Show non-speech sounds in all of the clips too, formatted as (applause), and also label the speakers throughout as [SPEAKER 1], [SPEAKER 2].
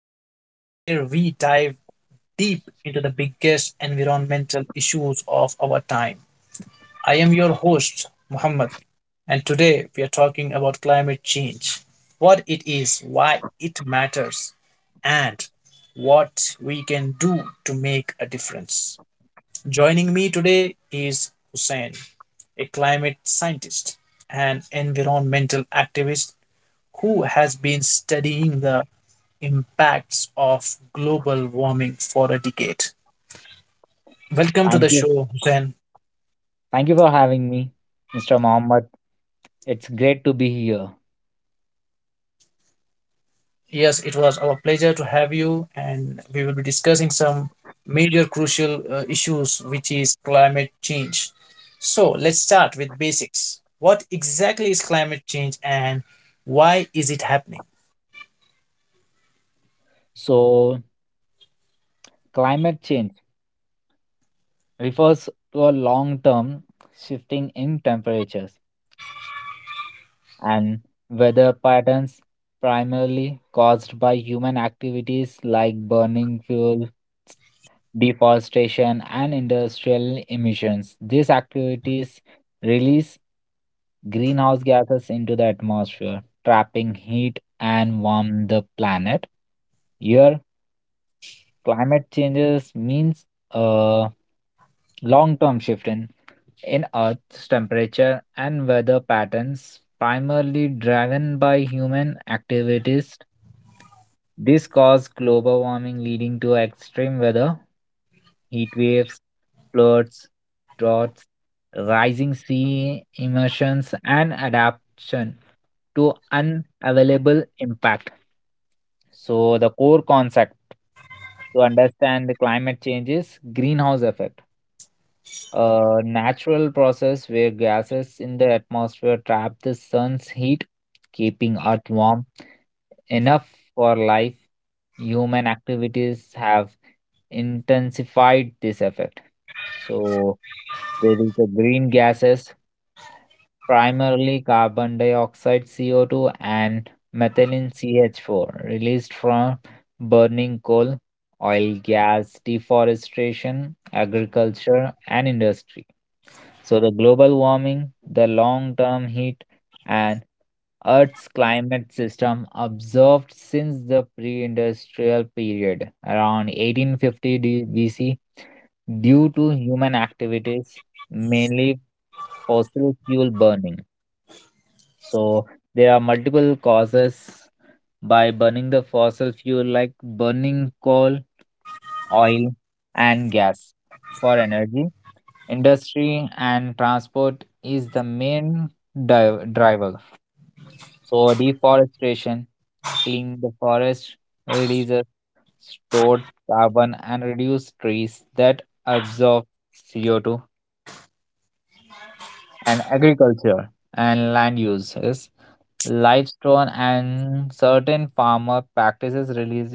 [SPEAKER 1] podcast where we dive deep into the biggest environmental issues of our time. I am your host, Muhammad, and today we are talking about climate change: what it is, why it matters, and what we can do to make a difference. Joining me today is Hussein, a climate scientist, an environmental activist, who has been studying the impacts of global warming for a decade. Welcome to the
[SPEAKER 2] Thank you.
[SPEAKER 1] show, Hussein.
[SPEAKER 2] Thank you for having me, Mr. Mohammed. It's great to be here.
[SPEAKER 1] Yes, it was our pleasure to have you, and we will be discussing some major crucial issues, which is climate change. So, let's start with basics. What exactly is climate change and why is it happening?
[SPEAKER 2] So, Climate change refers to a long term shifting in temperatures and weather patterns primarily caused by human activities like burning fuel deforestation, and industrial emissions. These activities release greenhouse gases into the atmosphere, trapping heat and warm the planet. Here, climate changes means a long-term shift in Earth's temperature and weather patterns, primarily driven by human activities. This caused global warming, leading to extreme weather, heat waves, floods, droughts, rising sea emissions, and adaptation to unavailable impact. So, the core concept to understand the climate change is greenhouse effect, a natural process where gases in the atmosphere trap the sun's heat, keeping Earth warm enough for life. Human activities have intensified this effect. So there is the green gases, primarily carbon dioxide CO2 and methylene CH4 released from burning coal, oil, gas, deforestation, agriculture and industry. So the global warming, the long term heat and Earth's climate system observed since the pre-industrial period around 1850 BC due to human activities, mainly fossil fuel burning. So there are multiple causes by burning the fossil fuel like burning coal, oil, and gas for energy. Industry and transport is the main driver. So deforestation, clean the forest, releases stored carbon and reduce trees that absorb CO2, and agriculture and land uses, livestock and certain farmer practices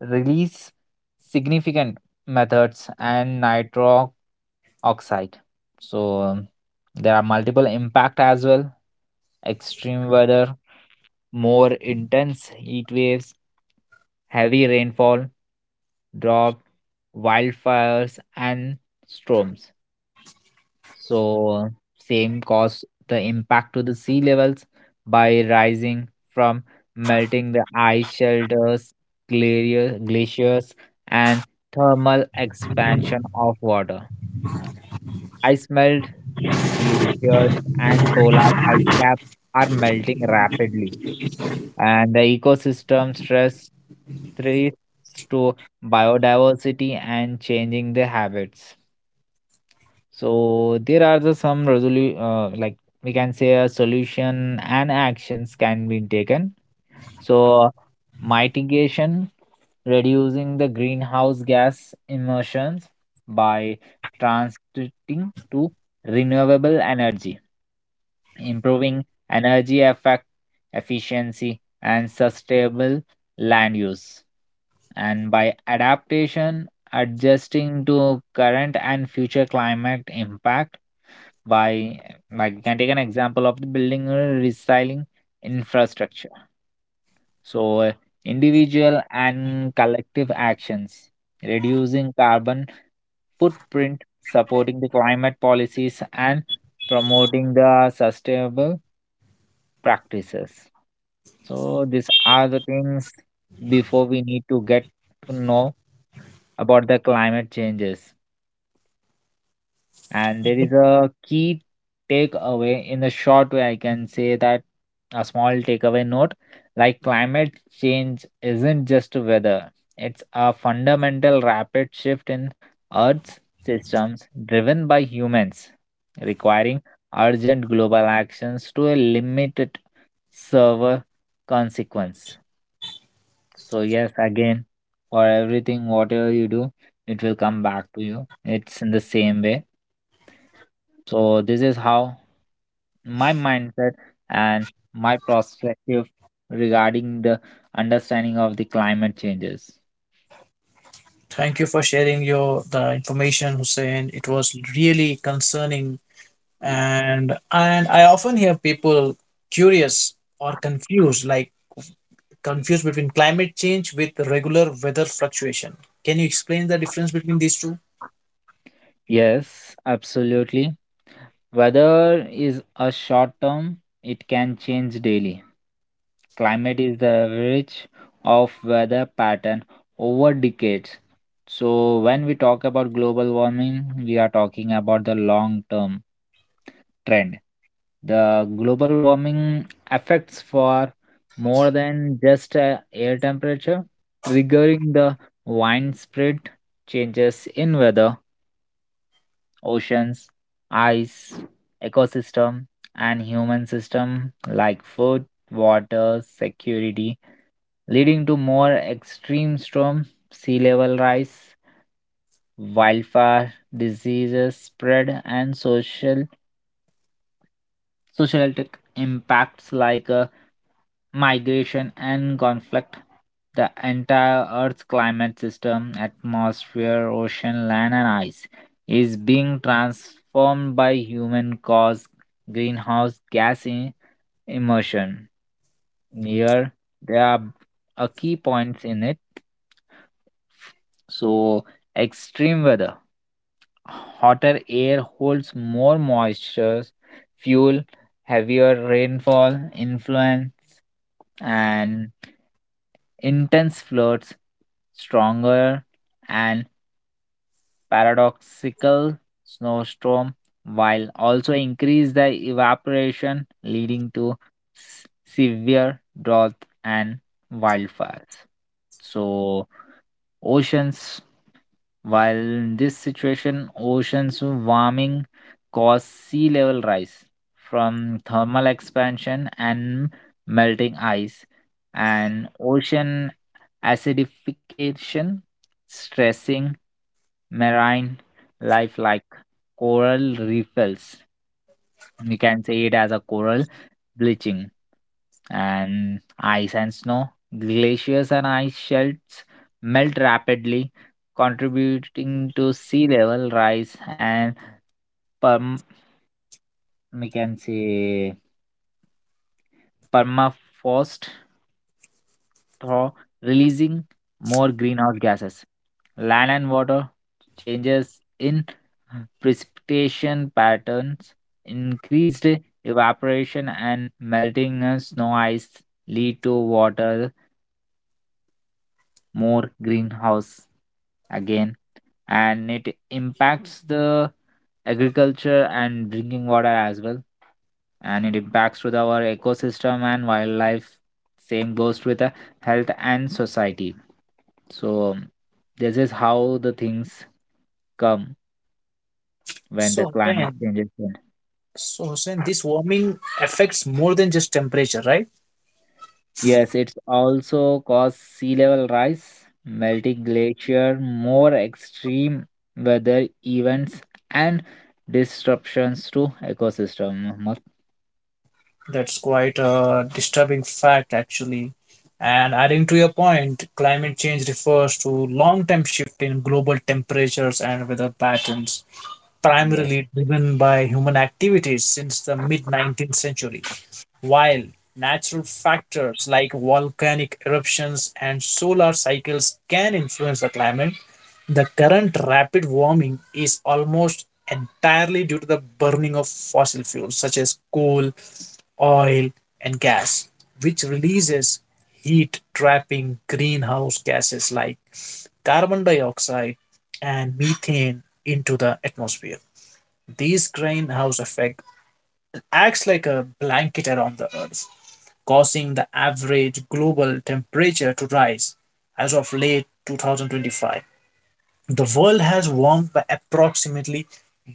[SPEAKER 2] release significant methods and nitro oxide. So, there are multiple impact as well. Extreme weather, more intense heat waves, heavy rainfall, drought, wildfires, and storms. So, same cause the impact to the sea levels by rising from melting the ice shelters, glaciers, and thermal expansion of water. Ice melt, glaciers, and polar ice caps are melting rapidly, and the ecosystem stress threats to biodiversity and changing the habits. So there are the some like we can say a solution, and actions can be taken. So mitigation, reducing the greenhouse gas emissions by transiting to renewable energy, improving energy effect efficiency and sustainable land use, and by adaptation adjusting to current and future climate impact by like you can take an example of the building a recycling infrastructure. So, individual and collective actions reducing carbon footprint, supporting the climate policies, and promoting the sustainable practices. So these are the things before we need to get to know about the climate changes. And there is a key takeaway, in a short way I can say that, a small takeaway note like climate change isn't just weather, it's a fundamental rapid shift in Earth's systems driven by humans, requiring urgent global actions to a limited server consequence. So yes, again, for everything whatever you do, it will come back to you, it's in the same way. So this is how my mindset and my perspective regarding the understanding of the climate changes.
[SPEAKER 1] Thank you for sharing your the information, Hussein. It was really concerning, and I often hear people curious or confused, like confused between climate change with regular weather fluctuation. Can you explain the difference between these two?
[SPEAKER 2] Yes, absolutely. Weather is a short term, it can change daily. Climate is the average of weather pattern over decades. So when we talk about global warming, we are talking about the long term trend. The global warming affects for more than just air temperature, triggering the widespread changes in weather, oceans, ice, ecosystem, and human system like food, water, security, leading to more extreme storm, sea level rise, wildfire, diseases spread, and social impacts like migration and conflict. The entire Earth's climate system, atmosphere, ocean, land and ice, is being transformed by human caused greenhouse gas emission. Here there are a key points in it. So extreme weather, hotter air holds more moisture, fuel heavier rainfall influence, and intense floods, stronger and paradoxical snowstorm, while also increase the evaporation leading to severe drought and wildfires. So oceans, while in this situation oceans warming cause sea level rise from thermal expansion and melting ice, and ocean acidification, stressing marine life like coral reefs. You can say it as a coral bleaching, and ice and snow. Glaciers and ice shelves melt rapidly, contributing to sea level rise and perm- we can say permafrost thaw, releasing more greenhouse gases. Land and water changes in precipitation patterns, increased evaporation, and melting snow ice lead to water more greenhouse again, and it impacts the agriculture and drinking water as well, and it impacts with our ecosystem and wildlife. Same goes with the health and society. So this is how the things come when the
[SPEAKER 1] so
[SPEAKER 2] climate
[SPEAKER 1] then
[SPEAKER 2] changes in.
[SPEAKER 1] so Hussein, this warming affects more than just temperature, right?
[SPEAKER 2] Yes, it's also caused sea level rise, melting glacier, more extreme weather events, and disruptions to ecosystem, Mohammed.
[SPEAKER 1] That's quite a disturbing fact, actually. And adding to your point, climate change refers to long-term shift in global temperatures and weather patterns
[SPEAKER 2] Yes.
[SPEAKER 1] primarily driven by human activities since the mid 19th century, while natural factors like volcanic eruptions and solar cycles can influence the climate. The current rapid warming is almost entirely due to the burning of fossil fuels such as coal, oil, and gas, which releases heat trapping greenhouse gases like carbon dioxide and methane into the atmosphere. This greenhouse effect acts like a blanket around the earth, causing the average global temperature to rise. As of late 2025, the world has warmed by approximately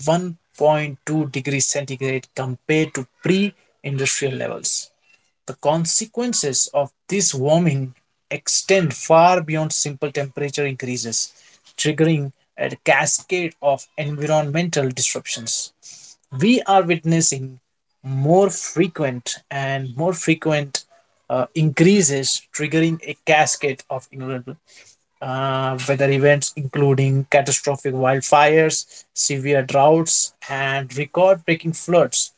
[SPEAKER 1] 1.2 degrees centigrade compared to pre industrial levels. The consequences of this warming extend far beyond simple temperature increases, triggering a cascade of environmental disruptions. We are witnessing more frequent and more frequent increases, triggering a cascade of ignorant weather events including catastrophic wildfires, severe droughts, and record breaking floods.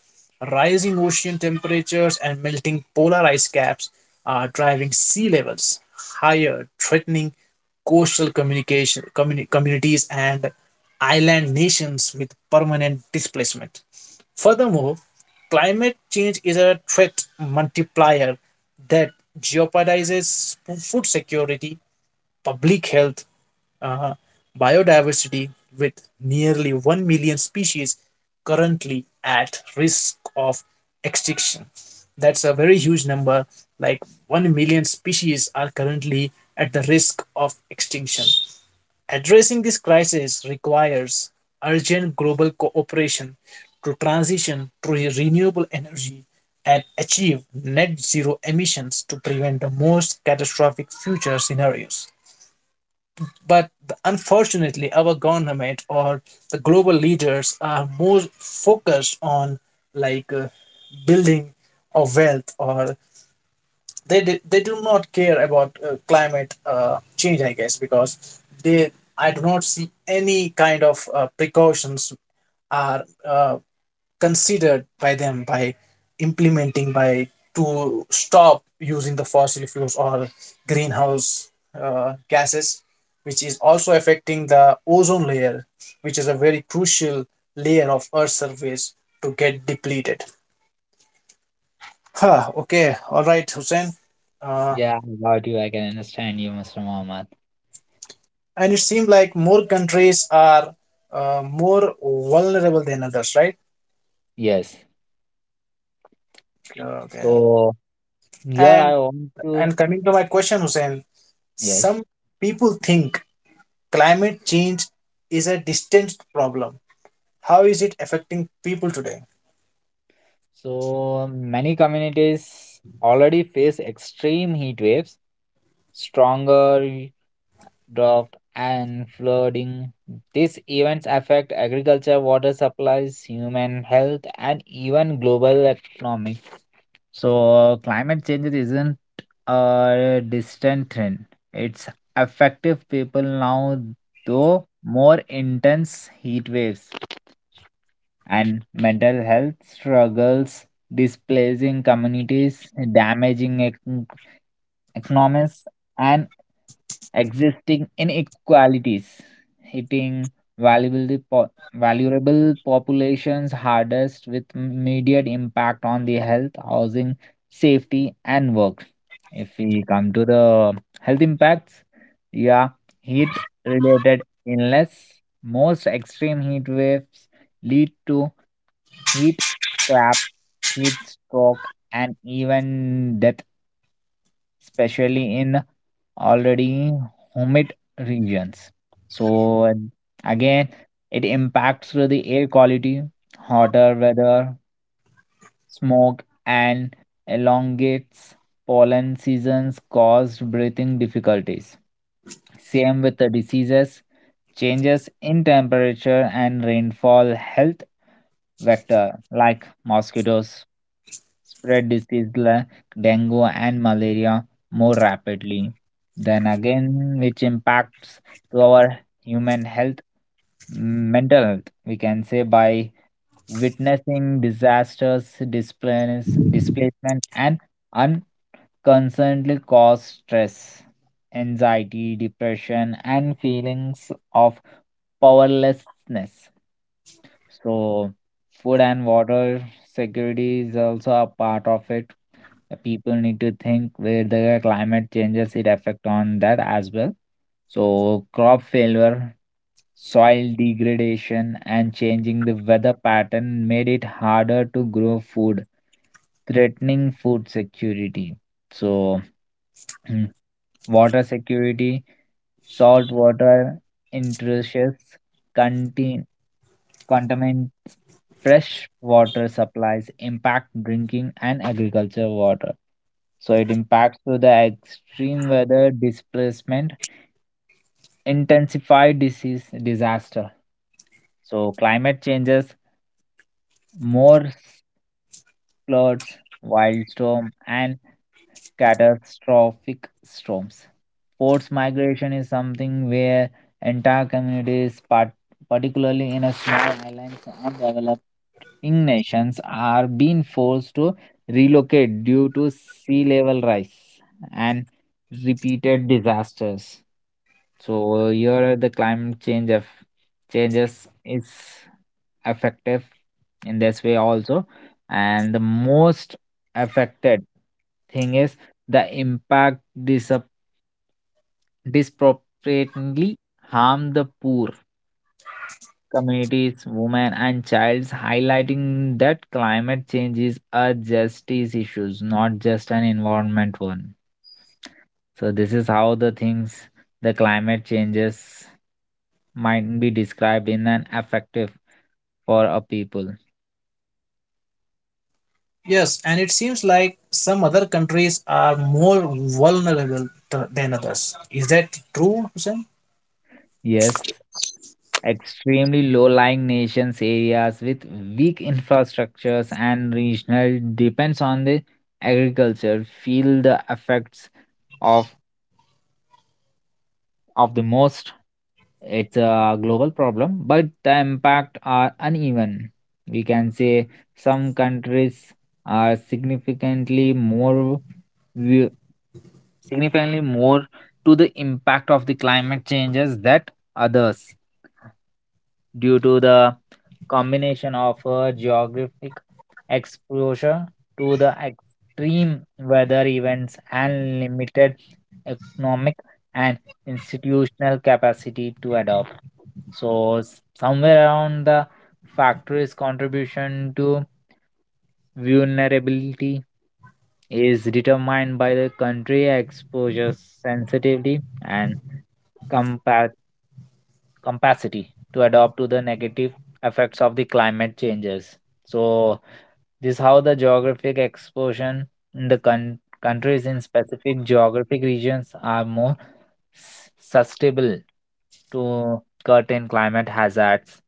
[SPEAKER 1] Rising ocean temperatures and melting polar ice caps are driving sea levels higher, threatening coastal communities and island nations with permanent displacement. Furthermore, climate change is a threat multiplier that jeopardizes food security, public health, uh, biodiversity, with nearly 1 million species currently at risk of extinction. That's a very huge number. Like, 1 million species are currently at the risk of extinction. Addressing this crisis requires urgent global cooperation to transition to renewable energy and achieve net zero emissions to prevent the most catastrophic future scenarios. But unfortunately, our government or the global leaders are more focused on, like, building of wealth, or they do not care about climate change, I guess, because they I do not see any kind of precautions are considered by them, by implementing, by to stop using the fossil fuels or greenhouse gases, which is also affecting the ozone layer, which is a very crucial layer of earth's surface to get depleted. Huh, okay, all right, Hussein. uh,
[SPEAKER 2] Yeah, I got you. I can understand you, Mr. Mohammed.
[SPEAKER 1] and it seemed like more countries are more vulnerable than others, right?
[SPEAKER 2] Yes.
[SPEAKER 1] Okay.
[SPEAKER 2] So here
[SPEAKER 1] and
[SPEAKER 2] I want to
[SPEAKER 1] and coming to my question, Hussein,
[SPEAKER 2] yes.
[SPEAKER 1] some people think climate change is a distant problem. How is it affecting people today?
[SPEAKER 2] So many communities already face extreme heat waves, stronger drought, and flooding. These events affect agriculture, water supplies, human health, and even global economy. So, climate change isn't a distant threat, it's affecting people now, though more intense heat waves and mental health struggles, displacing communities, damaging economies, and existing inequalities, hitting valuable populations hardest with immediate impact on the health, housing, safety, and work. If we come to the health impacts, yeah, heat related illness, most extreme heat waves lead to heat crabs, heat stroke, and even death, especially in already humid regions. So and again, it impacts through the air quality, hotter weather, smoke, and elongates pollen seasons caused breathing difficulties. Same with the diseases. Changes in temperature and rainfall health vector like mosquitoes spread disease like dengue and malaria more rapidly. Then again, which impacts to our human health, mental health, we can say by witnessing disasters, displacement, and unconsciously cause stress, anxiety, depression, and feelings of powerlessness. So, food and water security is also a part of it. The people need to think where the climate changes it affect on that as well. So, crop failure, soil degradation, and changing the weather pattern made it harder to grow food, threatening food security. So, (clears throat) water security, salt water intrusions, conti- contaminants, fresh water supplies impact drinking and agriculture water. So it impacts through the extreme weather displacement, intensify disease disaster. So climate changes more floods, windstorm, and catastrophic storms. Forced migration is something where entire communities, particularly in a small islands and developing nations, are being forced to relocate due to sea level rise and repeated disasters. So here the climate change of changes is effective in this way also, and the most affected thing is the impact disproportionately harm the poor communities, women and children, highlighting that climate change is a justice issue, not just an environment one. So this is how the things, the climate changes, might be described in an effective for a people.
[SPEAKER 1] Yes, and it seems like some other countries are more vulnerable than others. Is that true, Hussein?
[SPEAKER 2] Yes, extremely low-lying nations, areas with weak infrastructures and regional depends on the agriculture, feel the effects of of the most. It's a global problem, but the impact are uneven. We can say some countries are vi- significantly more to the impact of the climate changes that others, due to the combination of geographic exposure to the extreme weather events and limited economic and institutional capacity to adopt. So, somewhere around the factory's contribution to vulnerability is determined by the country exposure, sensitivity and capacity to adapt to the negative effects of the climate changes. So this how the geographic exposure in the con countries in specific geographic regions are more sustainable to curtain climate hazards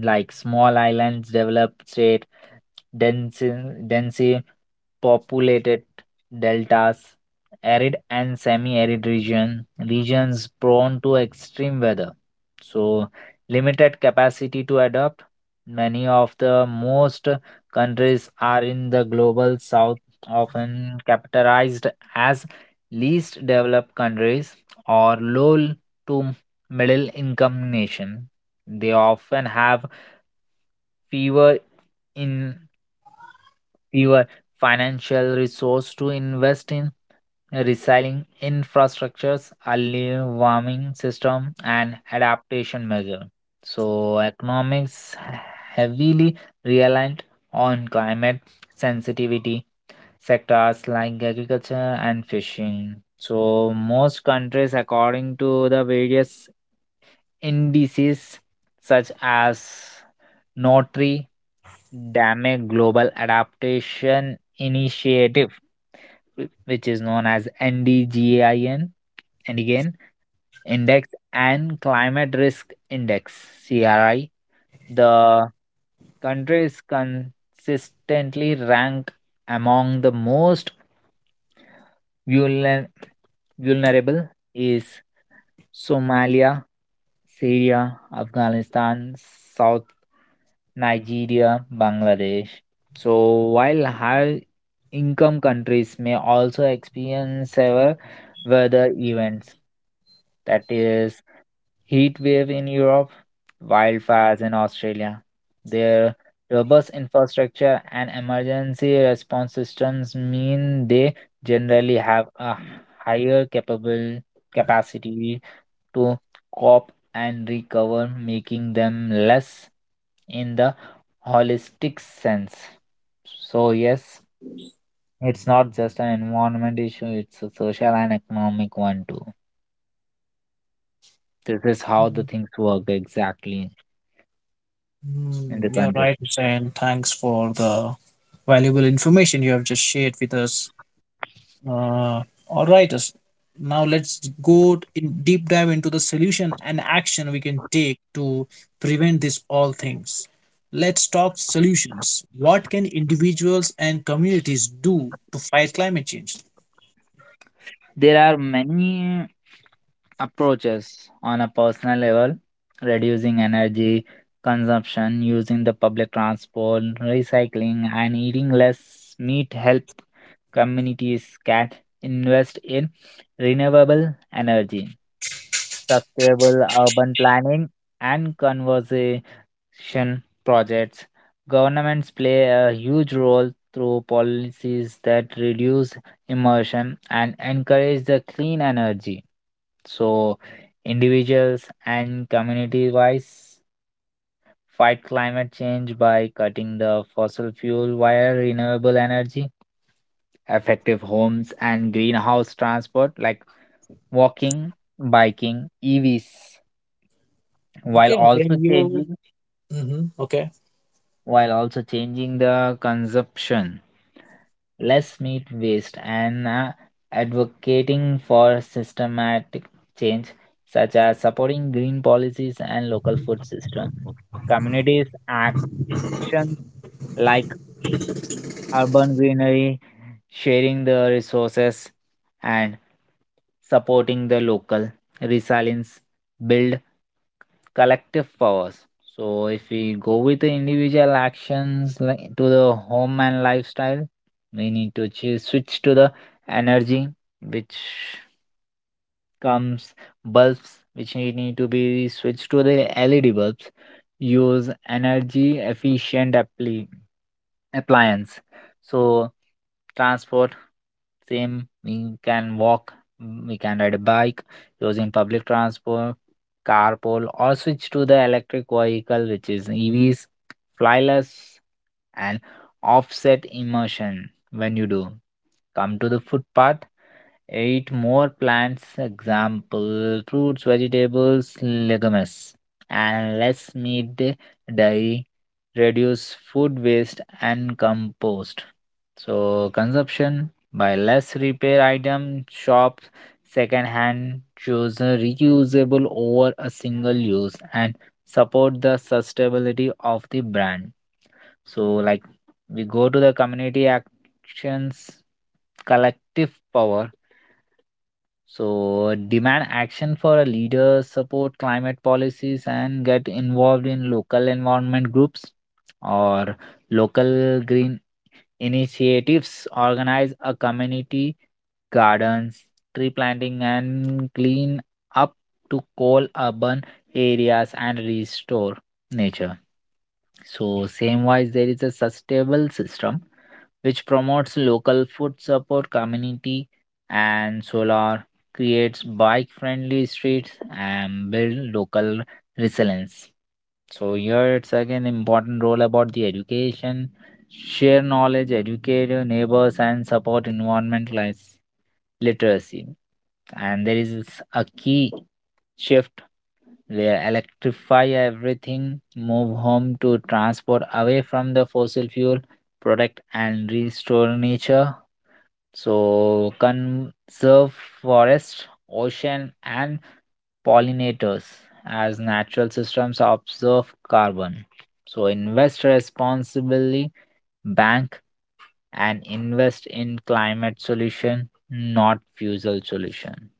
[SPEAKER 2] like small islands developed state, densely densely populated deltas, arid and semi-arid regions prone to extreme weather. So limited capacity to adapt, many of the most countries are in the global south, often capitalized as least developed countries or low to middle income nation. They often have fewer in fewer financial resource to invest in recycling infrastructures, early warming system, and adaptation measure. So economics heavily reliant on climate sensitivity sectors like agriculture and fishing. So most countries, according to the various indices such as Notary Dame Global Adaptation Initiative, which is known as NDGIN, and again Index and Climate Risk Index (CRI). The country is consistently ranked among the most vulner- vulnerable is Somalia, Syria, Afghanistan, South Nigeria, Bangladesh. So, while high income countries may also experience severe weather events, that is heat wave in Europe, wildfires in Australia. Their robust infrastructure and emergency response systems mean they generally have a higher capable capacity to cope and recover, making them less in the holistic sense. So, yes, it's not just an environment issue, it's a social and economic one too. This is how the things work exactly. In the
[SPEAKER 1] Hmm, you're
[SPEAKER 2] country.
[SPEAKER 1] right, Hussein. Thanks for the valuable information you have just shared with us. All right. Now let's go in deep dive into the solution and action we can take to prevent this all things. Let's talk solutions. What can individuals and communities do to fight climate change?
[SPEAKER 2] There are many approaches on a personal level, reducing energy consumption, using the public transport, recycling, and eating less meat help. Communities can invest in renewable energy, sustainable urban planning, and conservation projects. Governments play a huge role through policies that reduce emission and encourage the clean energy. So, individuals and community wise fight climate change by cutting the fossil fuel via renewable energy effective homes and greenhouse transport like walking, biking, EVs, while
[SPEAKER 1] Okay, then
[SPEAKER 2] also
[SPEAKER 1] you.
[SPEAKER 2] changing
[SPEAKER 1] Hmm, okay,
[SPEAKER 2] while also changing the consumption, less meat waste, and advocating for systematic change such as supporting green policies and local food system. Communities actions like urban greenery, sharing the resources, and supporting the local resilience build collective powers. So, if we go with the individual actions like to the home and lifestyle, we need to switch to the energy, which comes bulbs which need to be switched to the LED bulbs. Use energy efficient appliance. So transport same we can walk, we can ride a bike, using public transport, carpool, or switch to the electric vehicle which is evs, flyless, and offset immersion when you do come to the footpath. Eat more plants, example fruits, vegetables, legumes, and less meat, dairy, reduce food waste and compost. So, consumption by less repair item, shop, second hand, choose a reusable over a single use and support the sustainability of the brand. So, like we go to the community actions, collective power, so demand action for a leader, support climate policies, and get involved in local environment groups or local green initiatives. Organize a community gardens, tree planting, and clean up to coal urban areas and restore nature. So same wise, there is a sustainable system which promotes local food support community and solar, creates bike friendly streets and build local resilience. So here it's again important role about the education, share knowledge, educate your neighbors and support environmental literacy. And there is a key shift where electrify everything, move home to transport away from the fossil fuel, protect and restore nature. So conserve forests, ocean and pollinators as natural systems absorb carbon. So invest responsibly, bank and invest in climate solution, not fuel solution.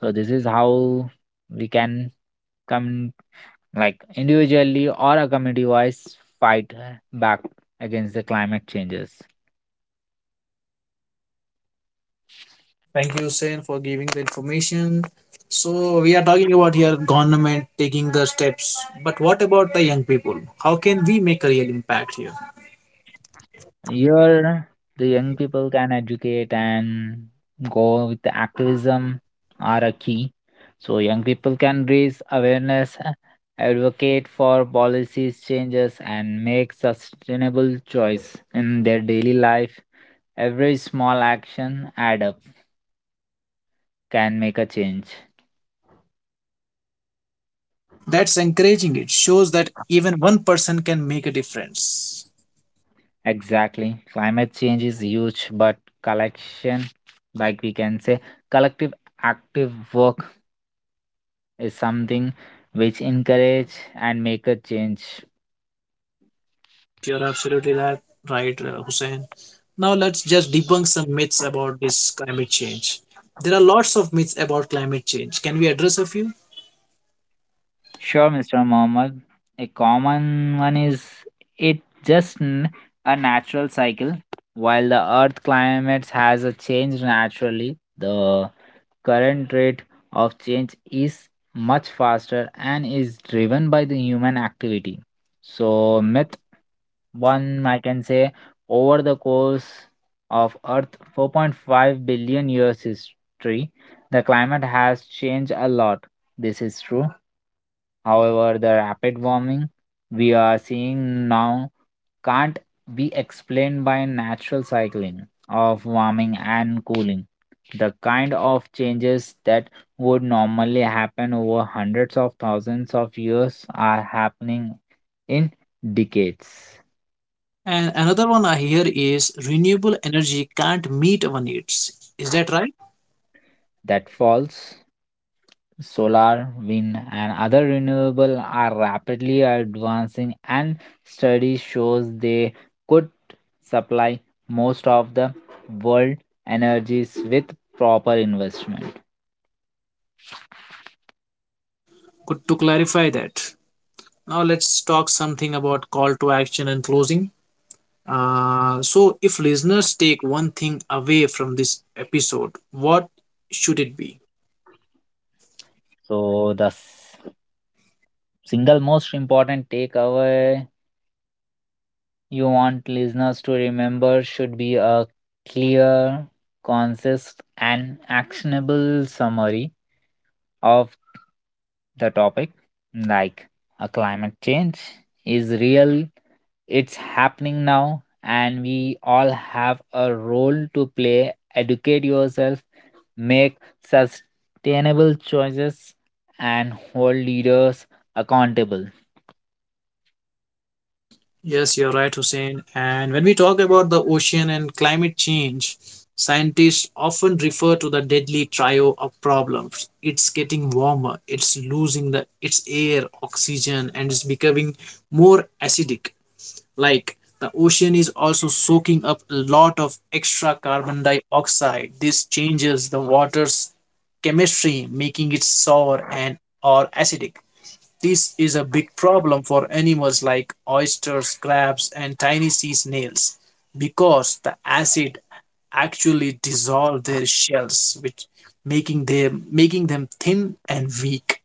[SPEAKER 2] So this is how we can come like individually or a community wise fight back against the climate changes.
[SPEAKER 1] thank you, Sen, for giving the information. So we are talking about here government taking the steps, but what about the young people? How can we make a real impact here?
[SPEAKER 2] Here the young people can educate and go with the activism are a key. So young people can raise awareness, advocate for policies changes and make sustainable choice in their daily life. Every small action add up can make a change.
[SPEAKER 1] That's encouraging. It shows that even one person can make a difference.
[SPEAKER 2] Exactly. Climate change is huge, but collection, like we can say, collective active work is something which encourage and make a change.
[SPEAKER 1] Yes, you're absolutely right, right, Hussein. Now let's just debunk some myths about this climate change. There are lots of myths about climate change. Can we address a few?
[SPEAKER 2] Sure, Mr. Mohammed. A common one is it just n- a natural cycle. While the earth climate has a change naturally, the current rate of change is much faster and is driven by the human activity. So, myth one, I can say, over the course of Earth 4.5 billion years history, the climate has changed a lot. This is true. However, the rapid warming we are seeing now can't be explained by natural cycling of warming and cooling. The kind of changes that would normally happen over hundreds of thousands of years are happening in decades.
[SPEAKER 1] And another one I hear is renewable energy can't meet our needs. Is that right?
[SPEAKER 2] That falls, solar, wind, and other renewable are rapidly advancing, and study shows they could supply most of the world energies with proper investment.
[SPEAKER 1] Good to clarify that. Now let's talk something about call to action and closing. So, if listeners take one thing away from this episode, what should it be?
[SPEAKER 2] So, single most important takeaway you want listeners to remember should be a clear, concise, and actionable summary of the topic, like a climate change is real, it's happening now, and we all have a role to play. Educate yourself, make sustainable choices, and hold leaders accountable.
[SPEAKER 1] Yes, you're right, Hussein. And when we talk about the ocean and climate change, scientists often refer to the deadly trio of problems. It's getting warmer, it's losing the its air, oxygen, and it's becoming more acidic. Like, the ocean is also soaking up a lot of extra carbon dioxide. This changes the water's chemistry, making it sour and or acidic. This is a big problem for animals like oysters, crabs, and tiny sea snails, because the acid actually dissolves their shells, which making them thin and weak.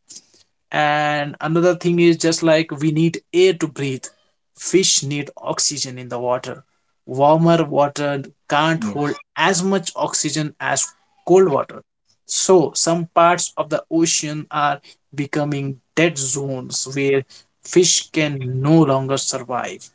[SPEAKER 1] And another thing is, just like we need air to breathe, fish need oxygen in the water. Warmer water can't
[SPEAKER 2] Yes.
[SPEAKER 1] hold as much oxygen as cold water, so some parts of the ocean are becoming dead zones where fish can no longer survive.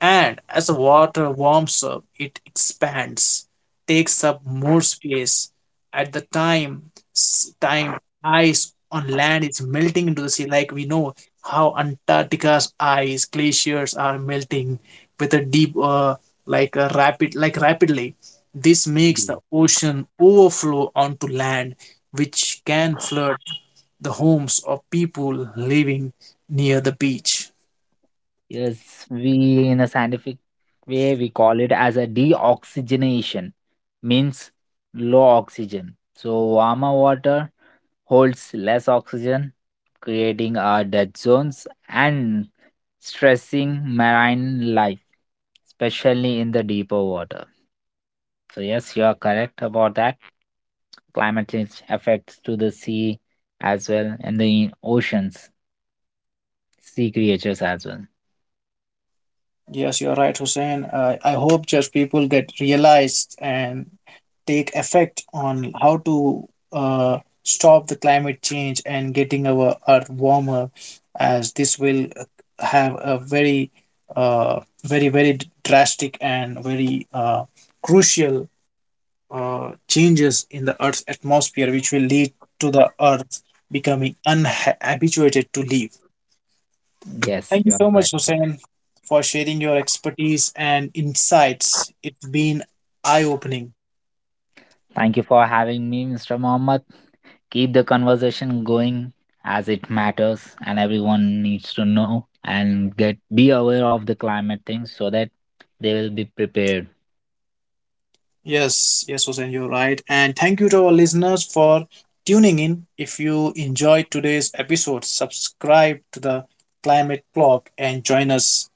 [SPEAKER 1] And as the water warms up, it expands, takes up more space. At the time ice on land is melting into the sea, like we know how Antarctica's ice glaciers are melting with a deep, like a rapid, like rapidly. This makes the ocean overflow onto land, which can flood the homes of people living near the beach.
[SPEAKER 2] Yes, we in a scientific way we call it as a deoxygenation, means low oxygen. So warmer water holds less oxygen, creating our dead zones and stressing marine life, especially in the deeper water. So yes, you are correct about that. Climate change affects to the sea as well and the oceans, sea creatures as well.
[SPEAKER 1] Yes, you're right, Hussein. I hope just people get realized and take effect on how to stop the climate change and getting our earth warmer, as this will have a very, very drastic and very crucial changes in the earth's atmosphere, which will lead to the earth becoming unhabituated to live.
[SPEAKER 2] Yes,
[SPEAKER 1] Thank you
[SPEAKER 2] you are
[SPEAKER 1] so much,
[SPEAKER 2] correct.
[SPEAKER 1] Hussein, for sharing your expertise and insights. It's been eye opening.
[SPEAKER 2] Thank you for having me, Mr. Mohammed. Keep the conversation going as it matters and everyone needs to know and get be aware of the climate things so that they will be prepared.
[SPEAKER 1] Yes, yes, Hussein, you're right. And thank you to our listeners for tuning in. If you enjoyed today's episode, subscribe to the Climate Blog and join us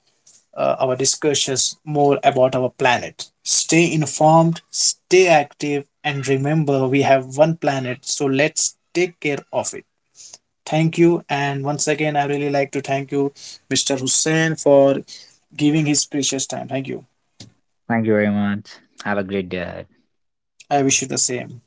[SPEAKER 1] our discussions more about our planet. Stay informed, stay active, and remember we have one planet, so let's take care of it. Thank you, and once again I really like to thank you, Mr. Hussein, for giving his precious time. Thank you.
[SPEAKER 2] Thank you very much. Have a great day ahead.
[SPEAKER 1] I wish you the same.